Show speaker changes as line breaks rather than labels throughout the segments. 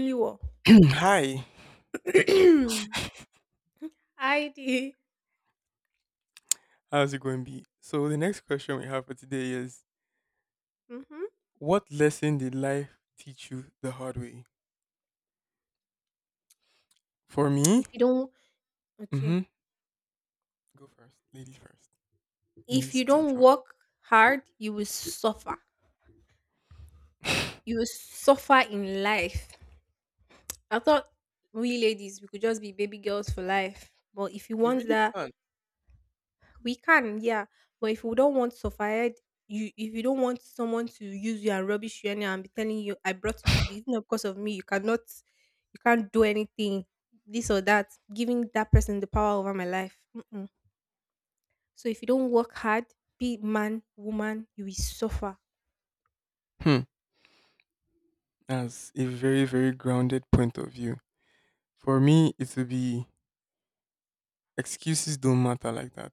Holy war.
Hi,
ID.
how's it going, B? So the next question we have for today is,
Mm-hmm.
what lesson did life teach you the hard way? For me,
If you don't, okay.
mm-hmm. Go first, lady first. In
If
this
you don't
situation,
work hard, you will suffer. You will suffer in life. I thought we ladies we could just be baby girls for life. But if you
you
want
really
that,
can't.
we can, yeah. But if you don't want suffered, you if you don't want someone to use you and rubbish you anyhow and be telling you I brought you to be not because of me, you cannot you can't do anything, this or that, giving that person the power over my life. Mm-mm. So if you don't work hard, be it man, woman, you will suffer.
Hmm. As a very, very grounded point of view, for me, it would be excuses don't matter like that.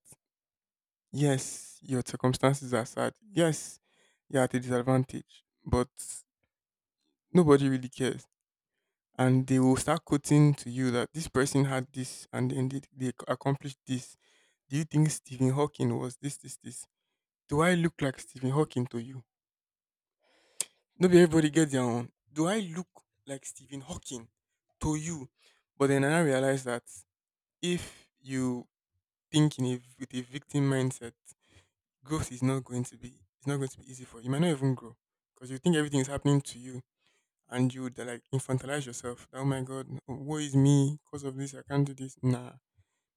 Yes, your circumstances are sad. Yes, you're at a disadvantage, but nobody really cares, and they will start quoting to you that this person had this, and then they accomplished this. Do you think Stephen Hawking was this, this, this? Do I look like Stephen Hawking to you? Nobody, everybody gets their own. Do I look like Stephen Hawking to you? But then I realized that if you think with a victim mindset, growth is not going to be it's not going to be easy for you. You might not even grow because you think everything is happening to you, and you would like infantilize yourself. Oh my god, woe is me because of this. I can't do this. Nah,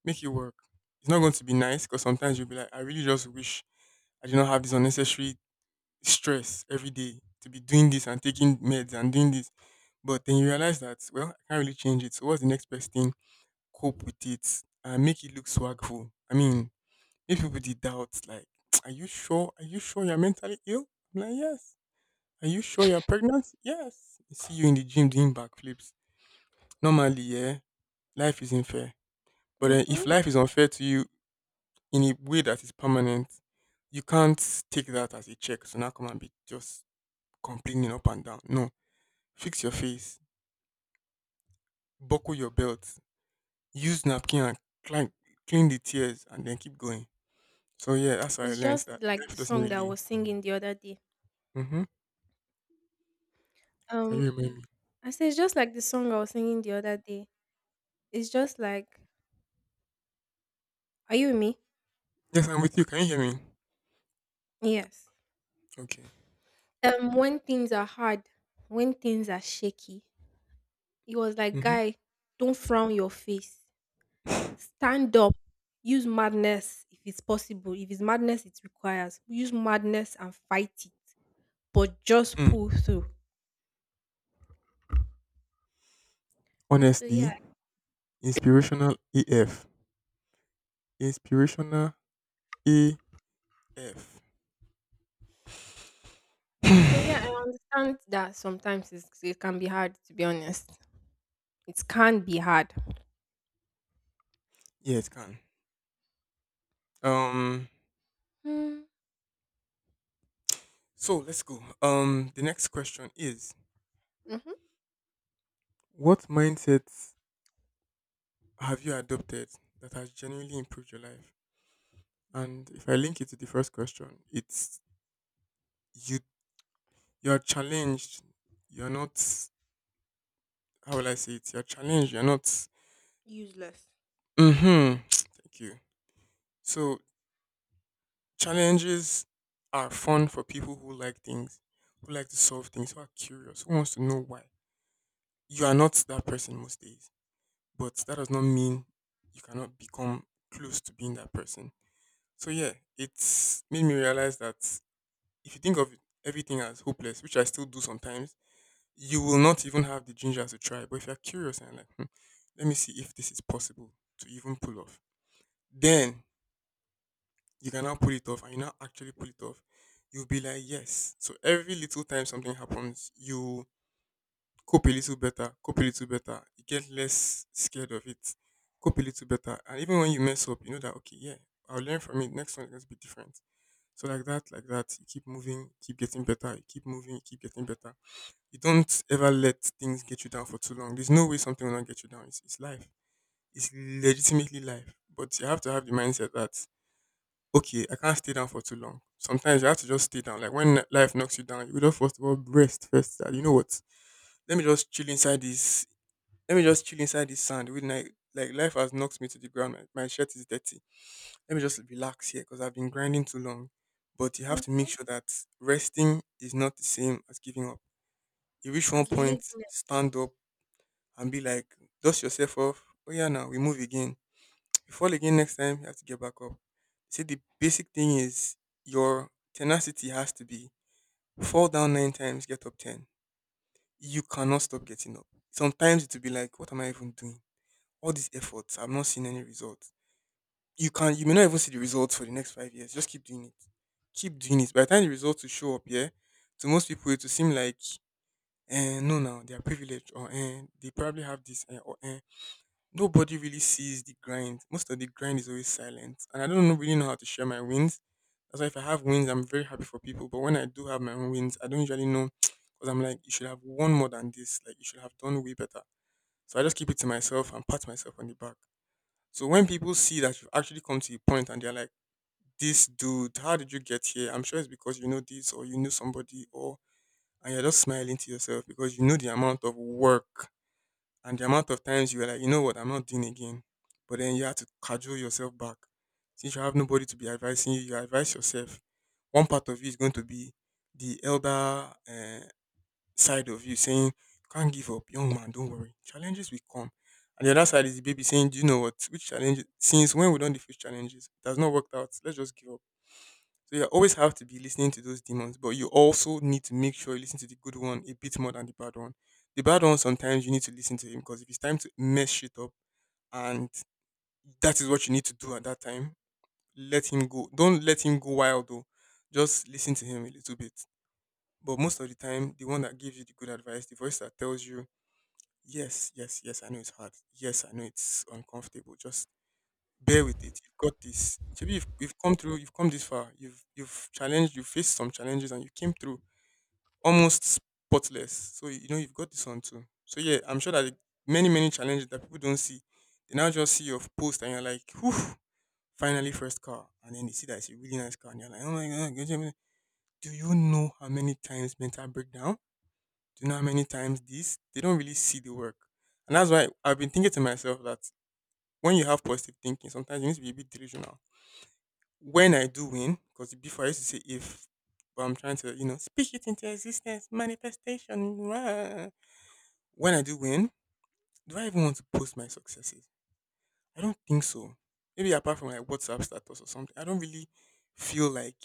make it work. It's not going to be nice because sometimes you'll be like, I really just wish I did not have this unnecessary stress every day, to be doing this and taking meds and doing this. But then you realize that, well, I can't really change it. So what's the next best thing? Cope with it and make it look swagful. I mean, if people did doubt, like, are you sure? Are you sure you're mentally ill? I'm like, yes. Are you sure you're pregnant? Yes. See you in the gym doing backflips. Normally, yeah, life isn't fair. But then
Hmm.
if life is unfair to you in a way that is permanent, you can't take that as a check. So now come and be just complaining up and down. No. Fix your face, buckle your belt, use napkin and clean, clean the tears, and then keep going. So yeah, that's how I
It's
learned
just
that
like
life
the
doesn't
song that I
really.
was singing the other day.
Hmm. Can you
Um,
hear me?
I said it's just like the song I was singing the other day. It's just like, are you with me?
Yes, I'm with you. Can you hear me?
Yes.
Okay.
When things are hard, when things are shaky, it was like,
Mm-hmm.
guy, don't frown your face. Stand up. Use madness if it's possible. If it's madness, it requires use madness and fight it, but just
Mm.
pull through. So
Honestly,
yeah,
inspirational AF. Inspirational AF.
But yeah, I understand that sometimes it can be hard, to be honest. It can be hard.
Yeah, it can. Um,
Mm.
so let's go. The next question is:
Mm-hmm.
what mindsets have you adopted that has genuinely improved your life? And if I link it to the first question, it's you. You're challenged. You're not. How will I say it? You're challenged. You're not.
Useless.
Mm-hmm. Thank you. So challenges are fun for people who like things, who like to solve things, who are curious, who wants to know why. You are not that person most days, but that does not mean you cannot become close to being that person. So yeah, it's made me realize that if you think of everything as hopeless, which I still do sometimes, you will not even have the ginger to try. But if you're curious and like, let me see if this is possible to even pull off, then you can now pull it off, and you now actually pull it off. You'll be like, yes. So every little time something happens, you cope a little better, cope a little better. You get less scared of it, cope a little better. And even when you mess up, you know that, okay, yeah, I'll learn from it. Next one is going to be different. So, like that, you keep moving, keep getting better, you keep moving, you keep getting better. You don't ever let things get you down for too long. There's no way something will not get you down. It's life, it's legitimately life. But you have to have the mindset that, okay, I can't stay down for too long. Sometimes you have to just stay down. Like when life knocks you down, you will just first of all rest first. That, you know what? Let me just chill inside this Let me just chill inside this sand with like life has knocked me to the ground. My shirt is dirty. Let me just relax here because I've been grinding too long. But you have
Mm.
to make sure that resting is not the same as giving up. You reach one
As
point,
laziness.
stand up and be like, dust yourself off. Oh yeah, now we move again. You fall again next time. You have to get back up. See, the basic thing is your tenacity has to be fall down 9 times, get up 10. You cannot stop getting up. Sometimes it will be like, what am I even doing? All these efforts, I'm not seeing any results. You may not even see the results for the next 5 years. Just keep doing it. Keep doing it. By the time the results will show up, yeah, to most people it will seem like no now, they are privileged, or they probably have this or. Nobody really sees the grind. Most of the grind is always silent. And I don't really know how to share my wins. That's why if I have wins, I'm very happy for people. But when I do have my own wins, I don't usually know because I'm like, you should have won more than this. Like you should have done way better. So I just keep it to myself and pat myself on the back. So when people see that you've actually come to a point, and they're like, this dude, how did you get here? I'm sure it's because you know this, or you knew somebody, or and you're just smiling to yourself because you know the amount of work and the amount of times you were like, you know what, I'm not doing again. But then you have to cajole yourself back. Since you have nobody to be advising you, you advise yourself. One part of you is going to be the elder side of you saying, "Can't give up, young man, don't worry. Challenges will come." And the other side is the baby saying, "Do you know what? Which challenge? Since when we don't face challenges, it has not worked out. Let's just give up." So you always have to be listening to those demons, but you also need to make sure you listen to the good one a bit more than the bad one. The bad one, sometimes you need to listen to him, because if it's time to mess shit up, and that is what you need to do at that time, let him go. Don't let him go wild, though. Just listen to him a little bit. But most of the time, the one that gives you the good advice, the voice that tells you yes, yes, yes. I know it's hard. Yes, I know it's uncomfortable. Just bear with it. You've got this. Maybe you've come through. You've come this far. You've challenged. You faced some challenges, and you came through almost spotless. So you know you've got this one too. So yeah, I'm sure that many, many challenges that people don't see, they now just see your post and you're like, whew, finally first car, and then they see that it's a really nice car, and you're like, oh my god, do you know how many times mental breakdown? Do you know how many times this? They don't really see the work. And that's why I've been thinking to myself that when you have positive thinking, sometimes you need to be a bit delusional. When I do win, because before I used to say if, but I'm trying to speak it into existence, manifestation. Rah. When I do win, do I even want to post my successes? I don't think so. Maybe apart from like WhatsApp status or something, I don't really feel like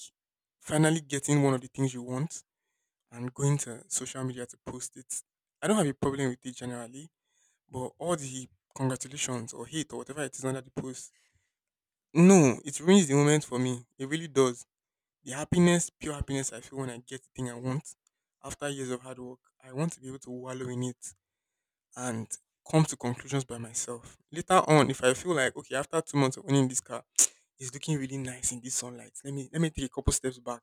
finally getting one of the things you want and going to social media to post it. I don't have a problem with it generally. But all the congratulations or hate or whatever it is under the post, no, it ruins the moment for me. It really does. The happiness, pure happiness I feel when I get the thing I want after years of hard work, I want to be able to wallow in it and come to conclusions by myself. Later on, if I feel like okay, after 2 months of owning this car, it's looking really nice in this sunlight. Let me take a couple steps back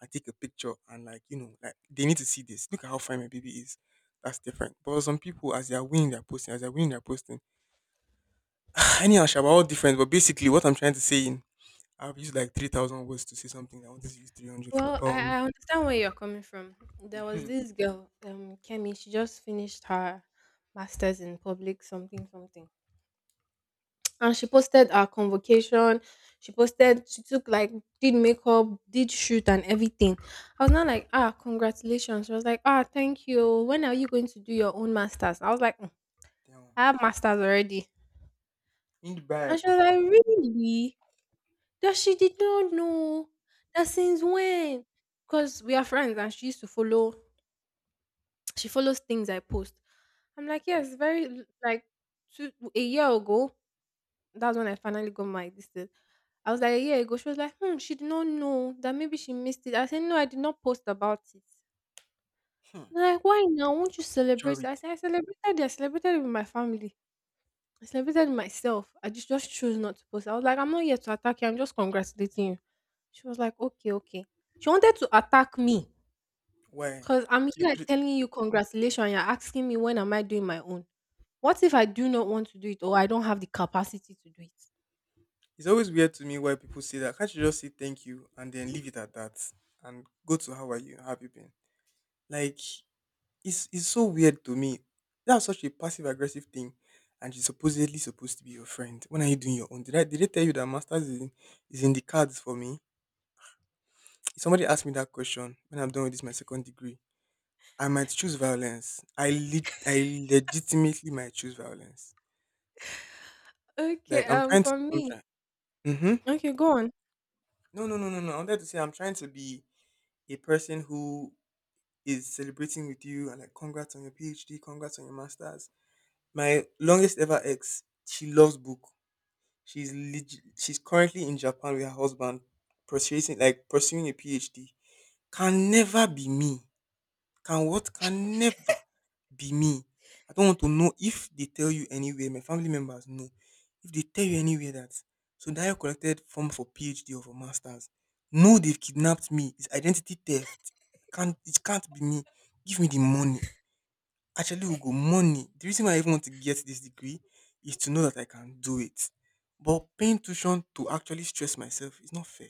and take a picture and like they need to see this. Look at how fine my baby is. That's different. But some people, as they are winning their posting, as they're winning their posting, Tiny and Shaba all different, but basically, what I'm trying to say in I've used like 3,000 words to say something. I wanted to use 300 for.
Well, I, I understand where you're coming from. There was
Mhm.
this girl, Kemi, she just finished her master's in public something something. And she posted her convocation. She posted, she took like, did makeup, did shoot and everything. I was not like, ah, congratulations. She was like, ah, thank you. When are you going to do your own master's? I was like,
Damn.
I have masters already.
In the
And
bag.
she was like, really? That she did not know. That since when? Because we are friends and she follows things I post. I'm like, yes, very like two a year ago, that's when I finally got my this thing. I was like a year ago. She was like, hmm, she did not know that maybe she missed it. I said, no, I did not post about it.
Hmm,
They're like, why now? Won't you celebrate?
charity.
I said, I celebrated it. I celebrated it with my family. I celebrated myself. I just chose not to post. I was like, I'm not here to attack you. I'm just congratulating you. She was like, okay, okay. She wanted to attack me
Why?
because I'm here
Because
like,
it-
telling you congratulations. And you're asking me when am I doing my own? What if I do not want to do it or I don't have the capacity to do it?
it's always weird to me why people say that. Can't you just say thank you and then leave it at that and go to how are you? How have you been? Like it's so weird to me. That's such a passive aggressive thing, and she's supposedly supposed to be your friend. When are you doing your own? Did they tell you that masters is in the cards for me? If somebody asks me that question when I'm done with this my second degree, I might choose violence. I legitimately might choose violence.
Okay.
Like
For
I'm
me.
trying. Mm-hmm.
Okay, go on.
No, no, no, no, no. I wanted to say I'm trying to be a person who is celebrating with you and like congrats on your PhD, congrats on your masters. My longest ever ex, she loves book. She's currently in Japan with her husband, pursuing a PhD. Can never be me. Can never be me. I don't want to know if they tell you anywhere, my family members know. If they tell you anywhere that So Sundayo collected form for PhD or for masters, no, they've kidnapped me. It's identity theft. It can't be me. Give me the money. Actually we go money. The reason why I even want to get this degree is to know that I can do it. But paying tuition to actually stress myself is not fair.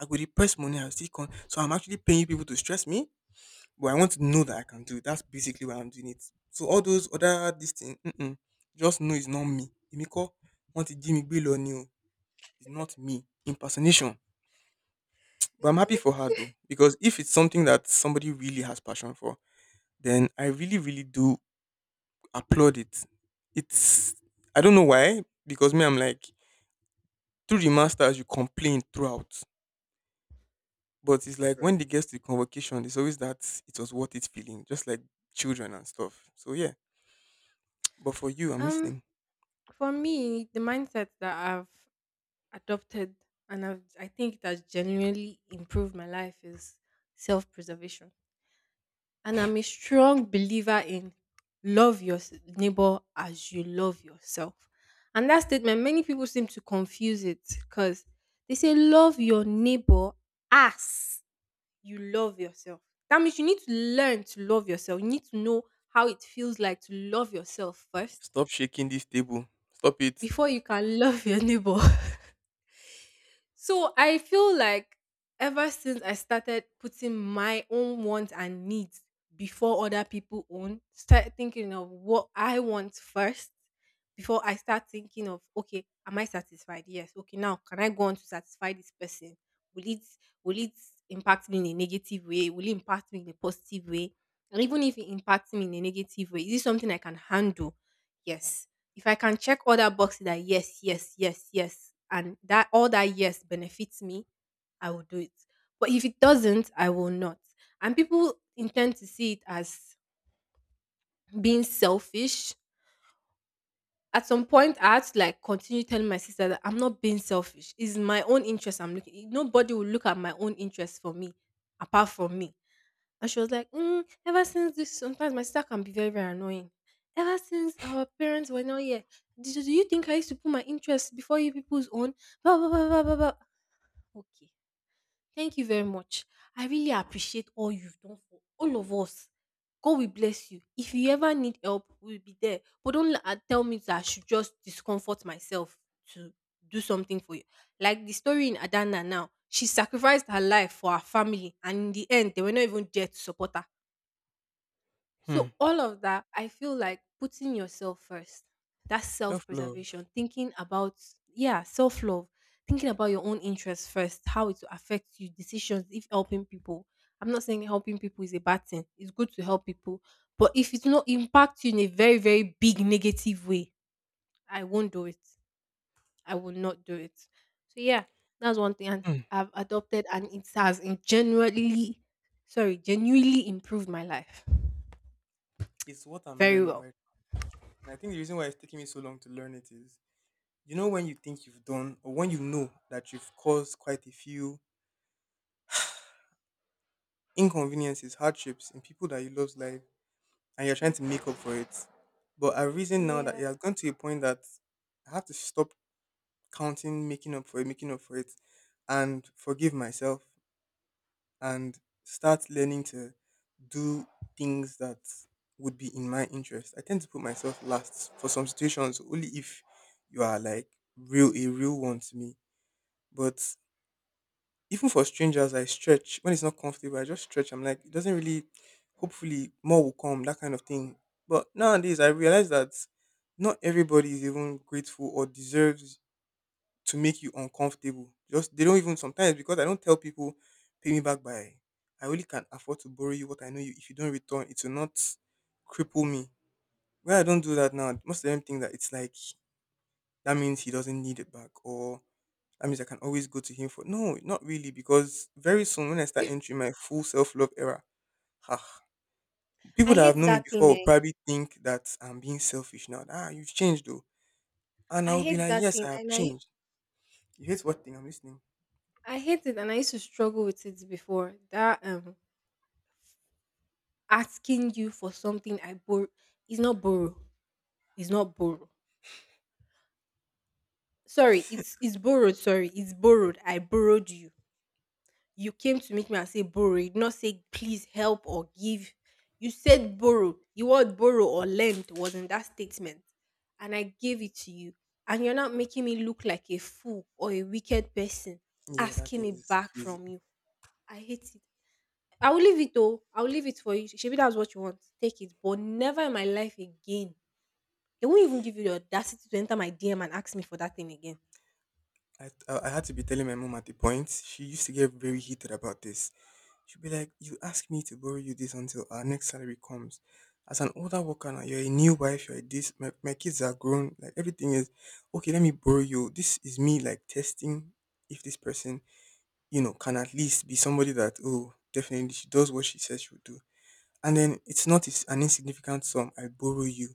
I go dey press money I still come, so I'm actually paying people to stress me? But I want to know that I can do it. That's basically why I'm doing it. So all those other this thing, mm-mm, just know it's not me. Emiko want to Jimmy Bill on you. It's not me. Impersonation. But I'm happy for her though,
Okay.
because if it's something that somebody really has passion for, then I really, really do applaud it. It's, I don't know why, because me I'm like through the masters you complain throughout. But it's like when
True.
they get to the convocation, it's always that it was worth it feeling, just like children and stuff. So yeah. But for you, I'm
Um,
listening.
for me, the mindset that I've adopted and I've, I think it has genuinely improved my life is self preservation. And I'm a strong believer in love your neighbor as you love yourself. And that statement, many people seem to confuse it because they say love your neighbor as you love yourself. That means you need to learn to love yourself. You need to know how it feels like to love yourself first
Stop shaking this table. Stop it.
before you can love your neighbor. So I feel like ever since I started putting my own wants and needs before other people own, start thinking of what I want first before I start thinking of okay, am I satisfied? Yes. Okay, now can I go on to satisfy this person? Will it will it impact me in a negative way? Will it impact me in a positive way? And even if it impacts me in a negative way, is it something I can handle? Yes. If I can check all that boxes that yes, yes, yes, yes, and that all that yes benefits me, I will do it. But if it doesn't, I will not. And people intend to see it as being selfish. At some point, I had to like continue telling my sister that I'm not being selfish. It's my own interest I'm looking. Nobody will look at my own interest for me apart from me. And she was like, mm, ever since this, sometimes my sister can be very, very annoying. Ever since our parents were not here, do you think I used to put my interests before you people's own? Blah, blah, blah, blah, blah, blah. Okay. Thank you very much. I really appreciate all you've done for all of us. God will bless you. If you ever need help, we'll be there. But don't tell me that I should just discomfort myself to do something for you. Like the story in Adana now, she sacrificed her life for her family, and in the end, they were not even there to support her,
Hmm.
so all of that, I feel like putting yourself first. That's
Self love.
self-preservation, thinking about yeah, self-love, thinking about your own interests first, how it will affect you, decisions, if helping people. I'm not saying helping people is a bad thing. It's good to help people. But if it will not impact you in a very, very big negative way, I won't do it. I will not do it. So yeah, that's one thing and
Hmm.
I've adopted and it has genuinely improved my life
It's what I'm
very
learning
well.
right now. And I think the reason why it's taking me so long to learn it is, you know, when you think you've done, or when you know that you've caused quite a few inconveniences, hardships in people that you love's life and you're trying to
Mhm.
make up for it. But I reason now that
Yeah.
it has gone to a point that I have to stop counting making up for it, making up for it, and forgive myself. And start learning to do things that would be in my interest. I tend to put myself last for some situations only if you are like real a real one to me. But even for strangers I stretch when it's not comfortable, I just stretch. I'm like it doesn't really, hopefully more will come, that kind of thing. But nowadays I realize that not everybody is even grateful or deserves to make you uncomfortable. Just they don't even sometimes, because I don't tell people pay me back by, I only can afford to borrow you what I know you, if you don't return it will not cripple me. Where I don't do that now, most of them think that it's like that means he doesn't need it back, or that means I can always go to him for, no, not really, because very soon when I start entering my full self love era, ah, people
I
that have
hate
known me
that
before
thing,
will
eh.
probably think that I'm being selfish now. Ah, you've changed though. And I
I
will be
hate
like,
that
yes,
thing
I have
and I
changed. You hate what thing? I'm listening.
I hate it and I used to struggle with it before. That asking you for something I borrow is not borrow. It's not borrow. Sorry, it's borrowed, sorry. It's borrowed. I borrowed you. You came to meet me and say borrow. You did not say please help or give. You said borrow. The word borrow or lend was in that statement. And I gave it to you. And you're not making me look like a fool or a wicked person
Yeah, that
asking
thing
it
is
back
crazy.
from you. I hate it. I will leave it though. I will leave it for you. Maybe that's what you want. Take it. But never in my life again. They won't even give you the audacity to enter my DM and ask me for that thing again.
I had to be telling my mom at the point. She used to get very heated about this. She'd be like, "You ask me to borrow you this until our next salary comes. As an older worker now, you're a new wife. You're this. My kids are grown. Like everything is okay. Let me borrow you. This is me like testing if this person, you know, can at least be somebody that, oh, definitely she does what she says she will do. And then it's not it's an insignificant sum. I borrow you.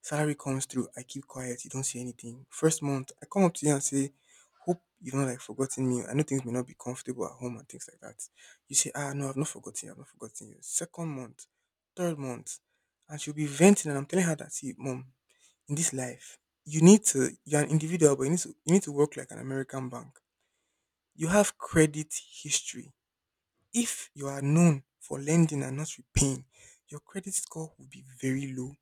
Salary comes through, I keep quiet, you don't say anything. First month, I come up to you and say, hope you don't like forgotten me. I know things may not be comfortable at home and things like that. You say, ah no, I've not forgotten you, I've not forgotten you. Second month, third month, and she'll be venting and I'm telling her that see, mom, in this life, you need to you're an individual, but you need to work like an American bank. You have credit history. If you are known for lending and not repaying, your credit score will be very low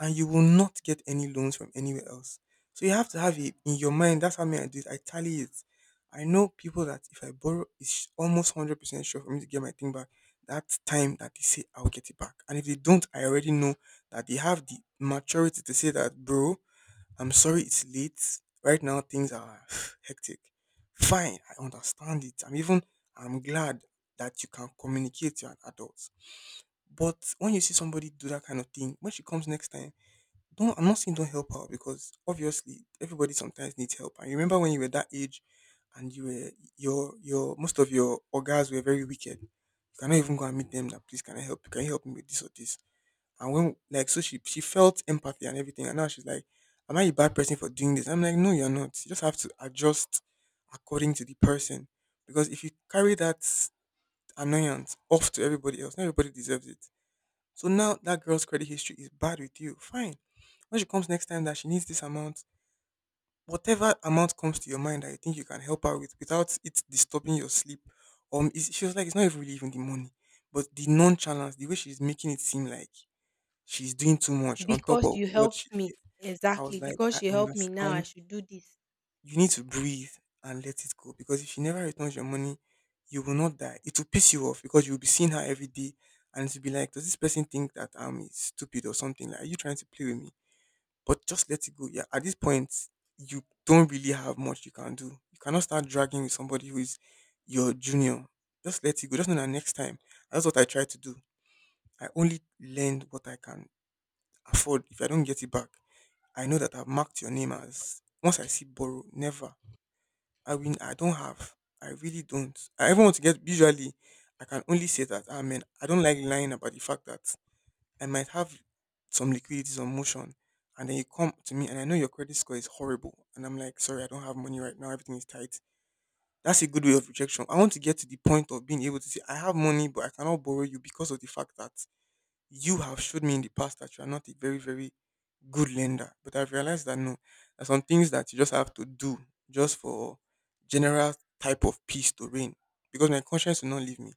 and you will not get any loans from anywhere else. So you have to have it in your mind. That's how me I do it. I tally it. I know people that if I borrow, it's almost 100% sure for me to get my thing back. That time that they say I'll get it back. And if they don't, I already know that they have the maturity to say that, bro, I'm sorry it's late. Right now things are hectic. Fine, I understand it. I'm glad that you can communicate to an adult. But when you see somebody do that kind of thing, when she comes next time, don't, I'm not saying don't help her, because obviously everybody sometimes needs help. And you remember when you were that age and your most of your orgas were very wicked. You cannot even go and meet them that please can I help you? Can you help me with this or this? And when like so she felt empathy and everything, and now she's like, am I a bad person for doing this? I'm like, no, you're not. You just have to adjust according to the person. Because if you carry that annoyance off to everybody else, not everybody deserves it. So now that girl's credit history is bad with you. Fine. When she comes next time that she needs this amount, whatever amount comes to your mind that you think you can help her with without it disturbing your sleep. It's, she was like, it's not even really even the money, but the nonchalance, the way she's making it seem like she's doing too much on top
Because
of
you
what
helped
she
me.
did. I was
Exactly.
like, I
Because you helped me now, I
understand.
should do this.
You need to breathe and let it go, because if she never returns your money, you will not die. It will piss you off because you'll be seeing her every day and it will be like, does this person think that I'm stupid or something? Like, are you trying to play with me? But just let it go. Yeah, at this point, you don't really have much you can do. You cannot start dragging with somebody who is your junior. Just let it go. Just know that next time. That's what I try to do. I only lend what I can afford. If I don't get it back, I know that I've marked your name as once I see borrow, never. I mean, I don't have. I really don't. I even want to get, usually I can only say that, I mean I don't like lying about the fact that I might have some liquidity, some motion, and then you come to me and I know your credit score is horrible and I'm like, sorry, I don't have money right now, everything is tight. That's a good way of rejection. I want to get to the point of being able to say I have money but I cannot borrow you because of the fact that you have showed me in the past that you are not a very, very good lender. But I've realized that no, there are some things that you just have to do just for general type of peace to reign. Because my conscience will not leave me.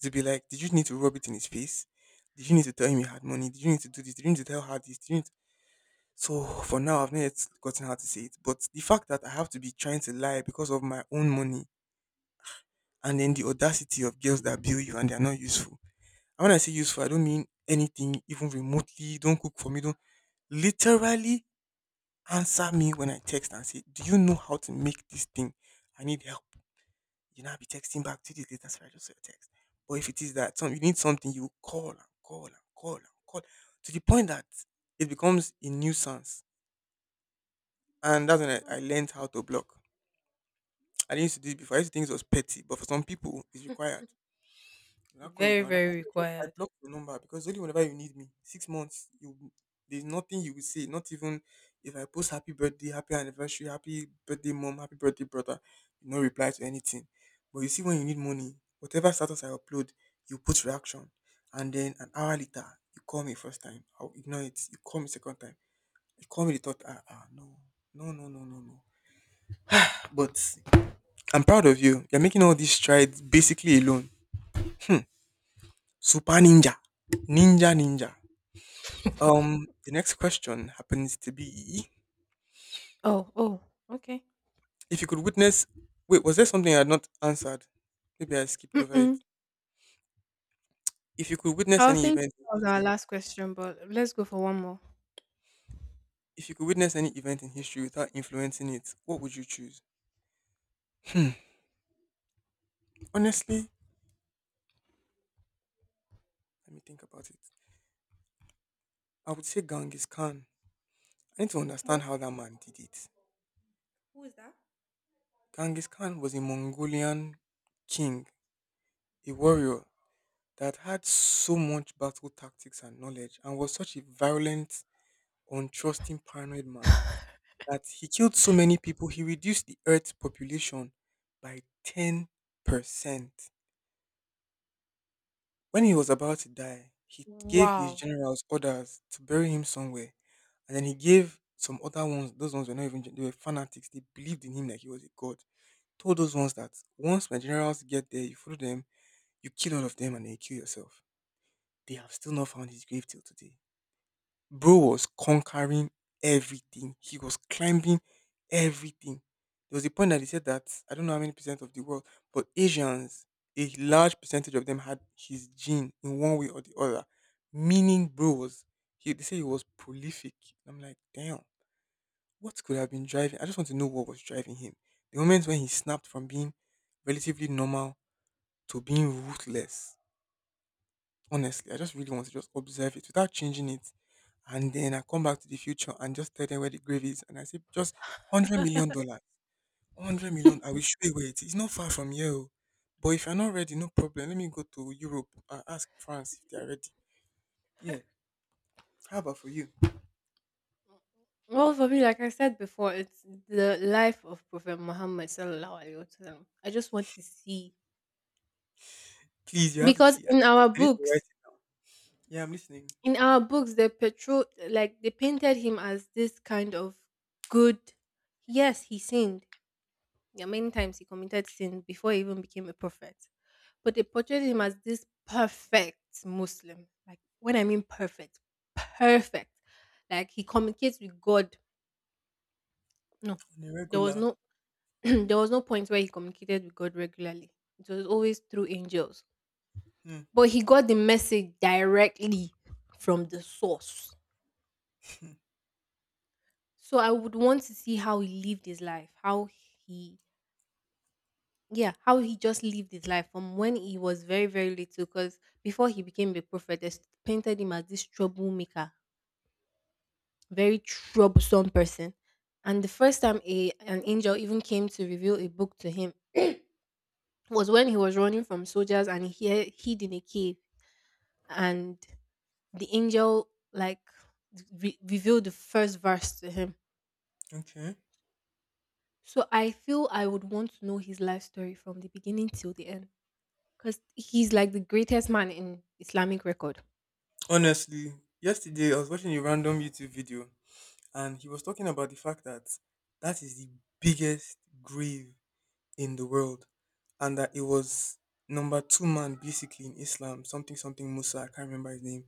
It'll be like, did you need to rub it in his face? Did you need to tell him you had money? Did you need to do this? Did you need to tell her this? Did you need to-" So for now, I've not yet gotten how to say it. But the fact that I have to be trying to lie because of my own money, and then the audacity of girls that bill you and they are not useful. And when I say useful, I don't mean anything even remotely. Don't cook for me. Don't literally answer me when I text and say, "Do you know how to make this thing? I need help." I'll be texting back 2 days later, "Sorry, I just saw your text." But if it is that some, you need something, you call and call and call and call to the point that it becomes a nuisance. And that's when
Hmm.
I learned how to block. I didn't used to do it before. I used to think it was petty, but for some people, it's required. You now call with
Very,
another. I
very
said, "Yes, I
required.
blocked your number because only whenever you need me. 6 months, you there's nothing you will say. Not even if I post happy birthday, happy anniversary, happy birthday mom, happy birthday brother, you no reply to anything. But you see, when you need money, whatever status I upload, you put reaction, and then an hour later you call me first time. I'll ignore it. You call me second time. You call me the third. Ah, ah, no, no, no, no, no, no." But I'm proud of you. You're making all these strides basically alone. Super ninja, ninja, ninja. The next question happens to be
Oh, oh, okay.
if you could witness. Wait, was there something I had not answered? Maybe I skipped over it.
Mm-mm.
If you could witness
I was
any
thinking
event in
that was our
history,
last question, but let's go for one more.
If you could witness any event in history without influencing it, what would you choose? Hmm. Honestly, let me think about it. I would say Genghis Khan. I need to understand
What?
how that man did it.
Who is that?
Genghis Khan was a Mongolian king, a warrior that had so much battle tactics and knowledge and was such a violent, untrusting, paranoid man that he killed so many people he reduced the earth's population by 10%. When he was about to die, he gave his
Wow.
generals orders to bury him somewhere. And then he gave some other ones, those ones were not even, they were fanatics. They believed in him like he was a god. Told those ones that once my generals get there, you follow them, you kill all of them, and then you kill yourself. They have still not found his grave till today. Bro was conquering everything. He was climbing everything. There was a point that he said that I don't know how many percent of the world, but Asians, a large percentage of them had his gene in one way or the other. Meaning, bro was he they say he was prolific. I'm like, damn, what could have been driving? I just want to know what was driving him. The moment when he snapped from being relatively normal to being ruthless. Honestly, I just really want to just observe it without changing it. And then I come back to the future and just tell them where the grave is. And I say, just $100 million. $100, I will show you where it is. It's not far from here. Oh. But if you're not ready, no problem. Let me go to Europe and ask France if they are ready. Yeah. How about for you?
Well, for me, like I said before, it's the life of Prophet Muhammad sallallahu alaihi wasallam. I just want to see
Please, you have to
because
see. I, I need to write it. Yeah, I'm listening.
in our books, they petro like they painted him as this kind of good. Yes, he sinned. Yeah, many times he committed sin before he even became a prophet. But they portrayed him as this perfect Muslim. Like, when I mean perfect, perfect. Like, he communicates with God. No,
On a
there was
regular.
no. There was no point where he communicated with God regularly. It was always through angels.
Hmm.
But he got the message directly from the source. So I would want to see how he lived his life, how he yeah how he just lived his life from when he was very very little, because before he became a prophet they painted him as this troublemaker, very troublesome person. And the first time a an angel even came to reveal a book to him was when he was running from soldiers and he hid in a cave. And the angel like revealed the first verse to him.
Okay.
So I feel I would want to know his life story from the beginning till the end, because he's like the greatest man in Islamic record.
Honestly, yesterday I was watching a random YouTube video and he was talking about the fact that that is the biggest grave in the world, and that it was number two-man basically in Islam, something something Musa, I can't remember his name,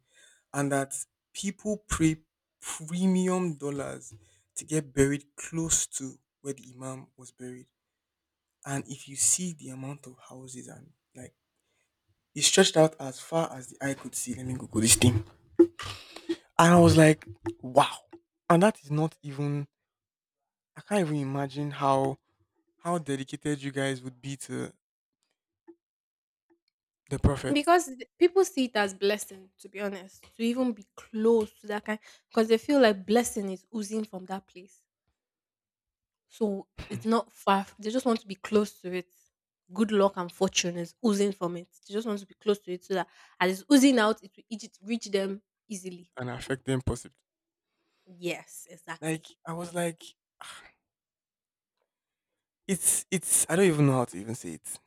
and that people pay premium dollars to get buried close to where the Imam was buried, and if you see the amount of houses and like it stretched out as far as the eye could see. Let me Google this thing, and I was like, wow, and that is not even. I can't even imagine how dedicated you guys would be to the prophet.
Because people see it as blessing, to be honest, to even be close to that kind, because they feel like blessing is oozing from that place. So it's not far. They just want to be close to it. Good luck and fortune is oozing from it. They just want to be close to it so that as it's oozing out, it will reach them easily.
and affect them possibly.
Yes,
Like
exactly.
I was like, it's I don't even know how to even say it.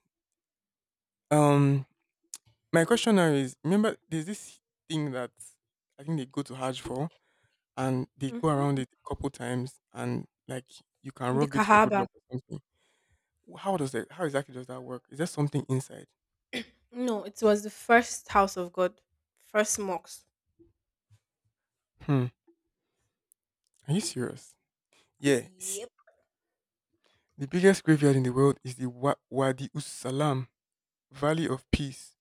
Um, my question now is: remember, there's this thing that I think they go to Hajj for, and they go
Mm.
around it a couple times, and like you can
The
rub it for good
Kahaba.
luck or something. How does that? How exactly does that work? Is there something inside?
No, it was the first house of God, first mosque.
Hmm. Are you serious? Yeah.
Yeah.
The biggest graveyard in the world is the Wadi Us Salam, Valley of Peace,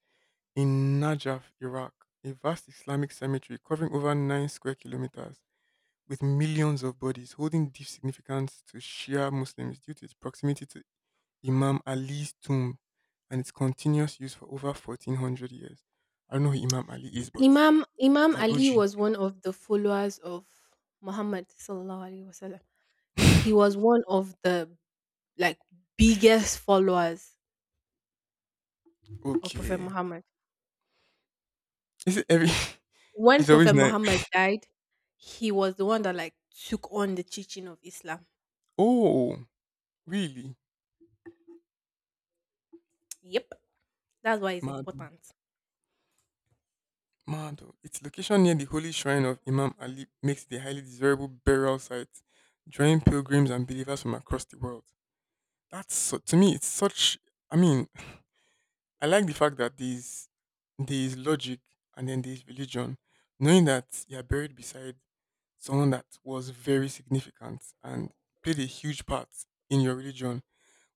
in Najaf, Iraq, a vast Islamic cemetery covering over 9 square kilometers with millions of bodies holding deep significance to Shia Muslims due to its proximity to Imam Ali's tomb and its continuous use for over 1400 years. I don't know who Imam Ali is, but
Imam
he's
Imam
an
Ali was one of the followers of Muhammad sallallahu alaihi wasallam.
OG.
He was one of the like biggest followers of Prophet
okay.
Muhammad.
Is it every?
When
It's always
Prophet
nice.
Muhammad died, he was the one that like took on the teaching of Islam.
Oh, really?
Yep, that's why it's
Mad.
important.
Mad. Oh. Its location near the holy shrine of Imam Ali makes it a highly desirable burial site, drawing pilgrims and believers from across the world. That's so, to me, it's such. I mean, I like the fact that there's logic, and then there's religion. Knowing that you're buried beside someone that was very significant and played a huge part in your religion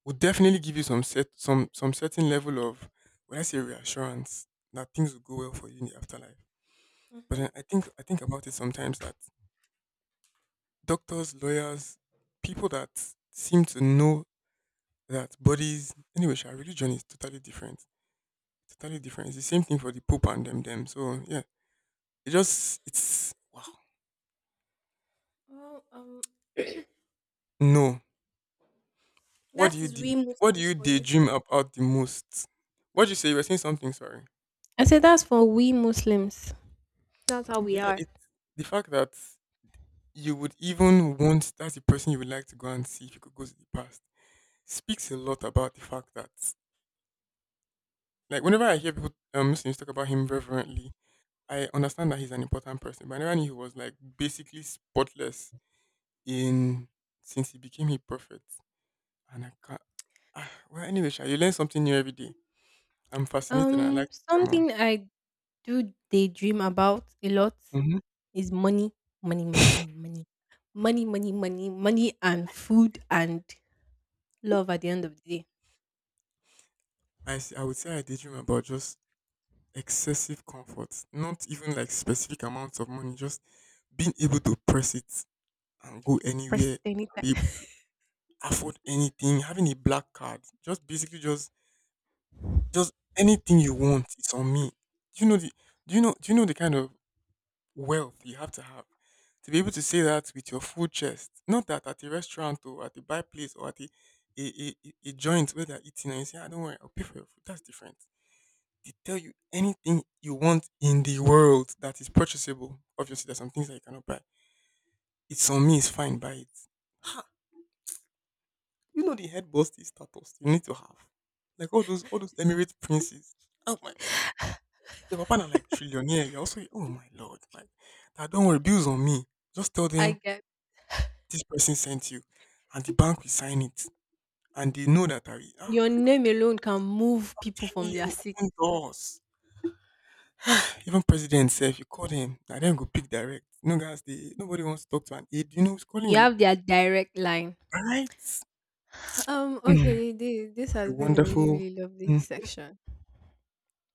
would definitely give you some set some certain level of, when I say reassurance, that things will go well for you in the afterlife. But
Hmm.
then I think about it sometimes that doctors, lawyers, people that seem to know that bodies anyway, our religion is totally different. Totally different. It's the same thing for the Pope and them. So yeah. It just it's wow.
Well,
No. What do
that
you
is
do?
we
What do
Muslims
you
for you.
daydream about the most? What did you say? You were saying something, sorry.
I said that's for we Muslims. That's how we
Yeah,
are.
it's the fact that you would even want that's the person you would like to go and see if you could go to the past speaks a lot about the fact that like whenever I hear people Muslims talk about him reverently, I understand that he's an important person. But I never knew he was like basically spotless in since he became a prophet. And I can't. Ah, well, anyway, Sha, you learn something new every day. I'm fascinated, and I like to hear more.
Something I do they dream about a lot
Mm-hmm.
is money, money, money, money, money, money, money, money, money, and food and love at the end of the day.
I would say I daydream about just excessive comfort, not even like specific amounts of money, just being able to press it and go
Press
anywhere
it
and be
anytime.
able to afford anything, having a black card, just basically just anything you want, it's on me. Do you know the do you know the kind of wealth you have to be able to say that with your full chest? Not that at a restaurant or at a buy place or at a a joint where they're eating and you say, I don't worry, I'll pay for your food. That's different. They tell you anything you want in the world that is purchasable. Obviously, there's some things that you cannot buy. It's on me, it's fine, buy it. Ha, you know the head busty status you need to have. Like all those Emirate princes. Oh my god. Your papa na like trillionaire. You're also oh my lord, like that don't worry, bills on me. Just tell
I
them
get
this person sent you and the bank will sign it. And they know that I will. Ah
your
my god,
name alone can move people
telling
from their
you
seat.
open doors. Even president said if you call him, I then go pick direct. No guys, they nobody wants to talk to an aide. You know who's calling
You
you.
have their direct line.
Right? Mm.
Okay.
It
This
was a
has been a really,
wonderful
really lovely
mm,
section.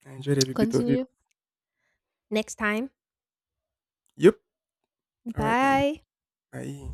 I enjoyed every bit of it.
Continue next time.
Yep. All right then.
Bye.
Bye.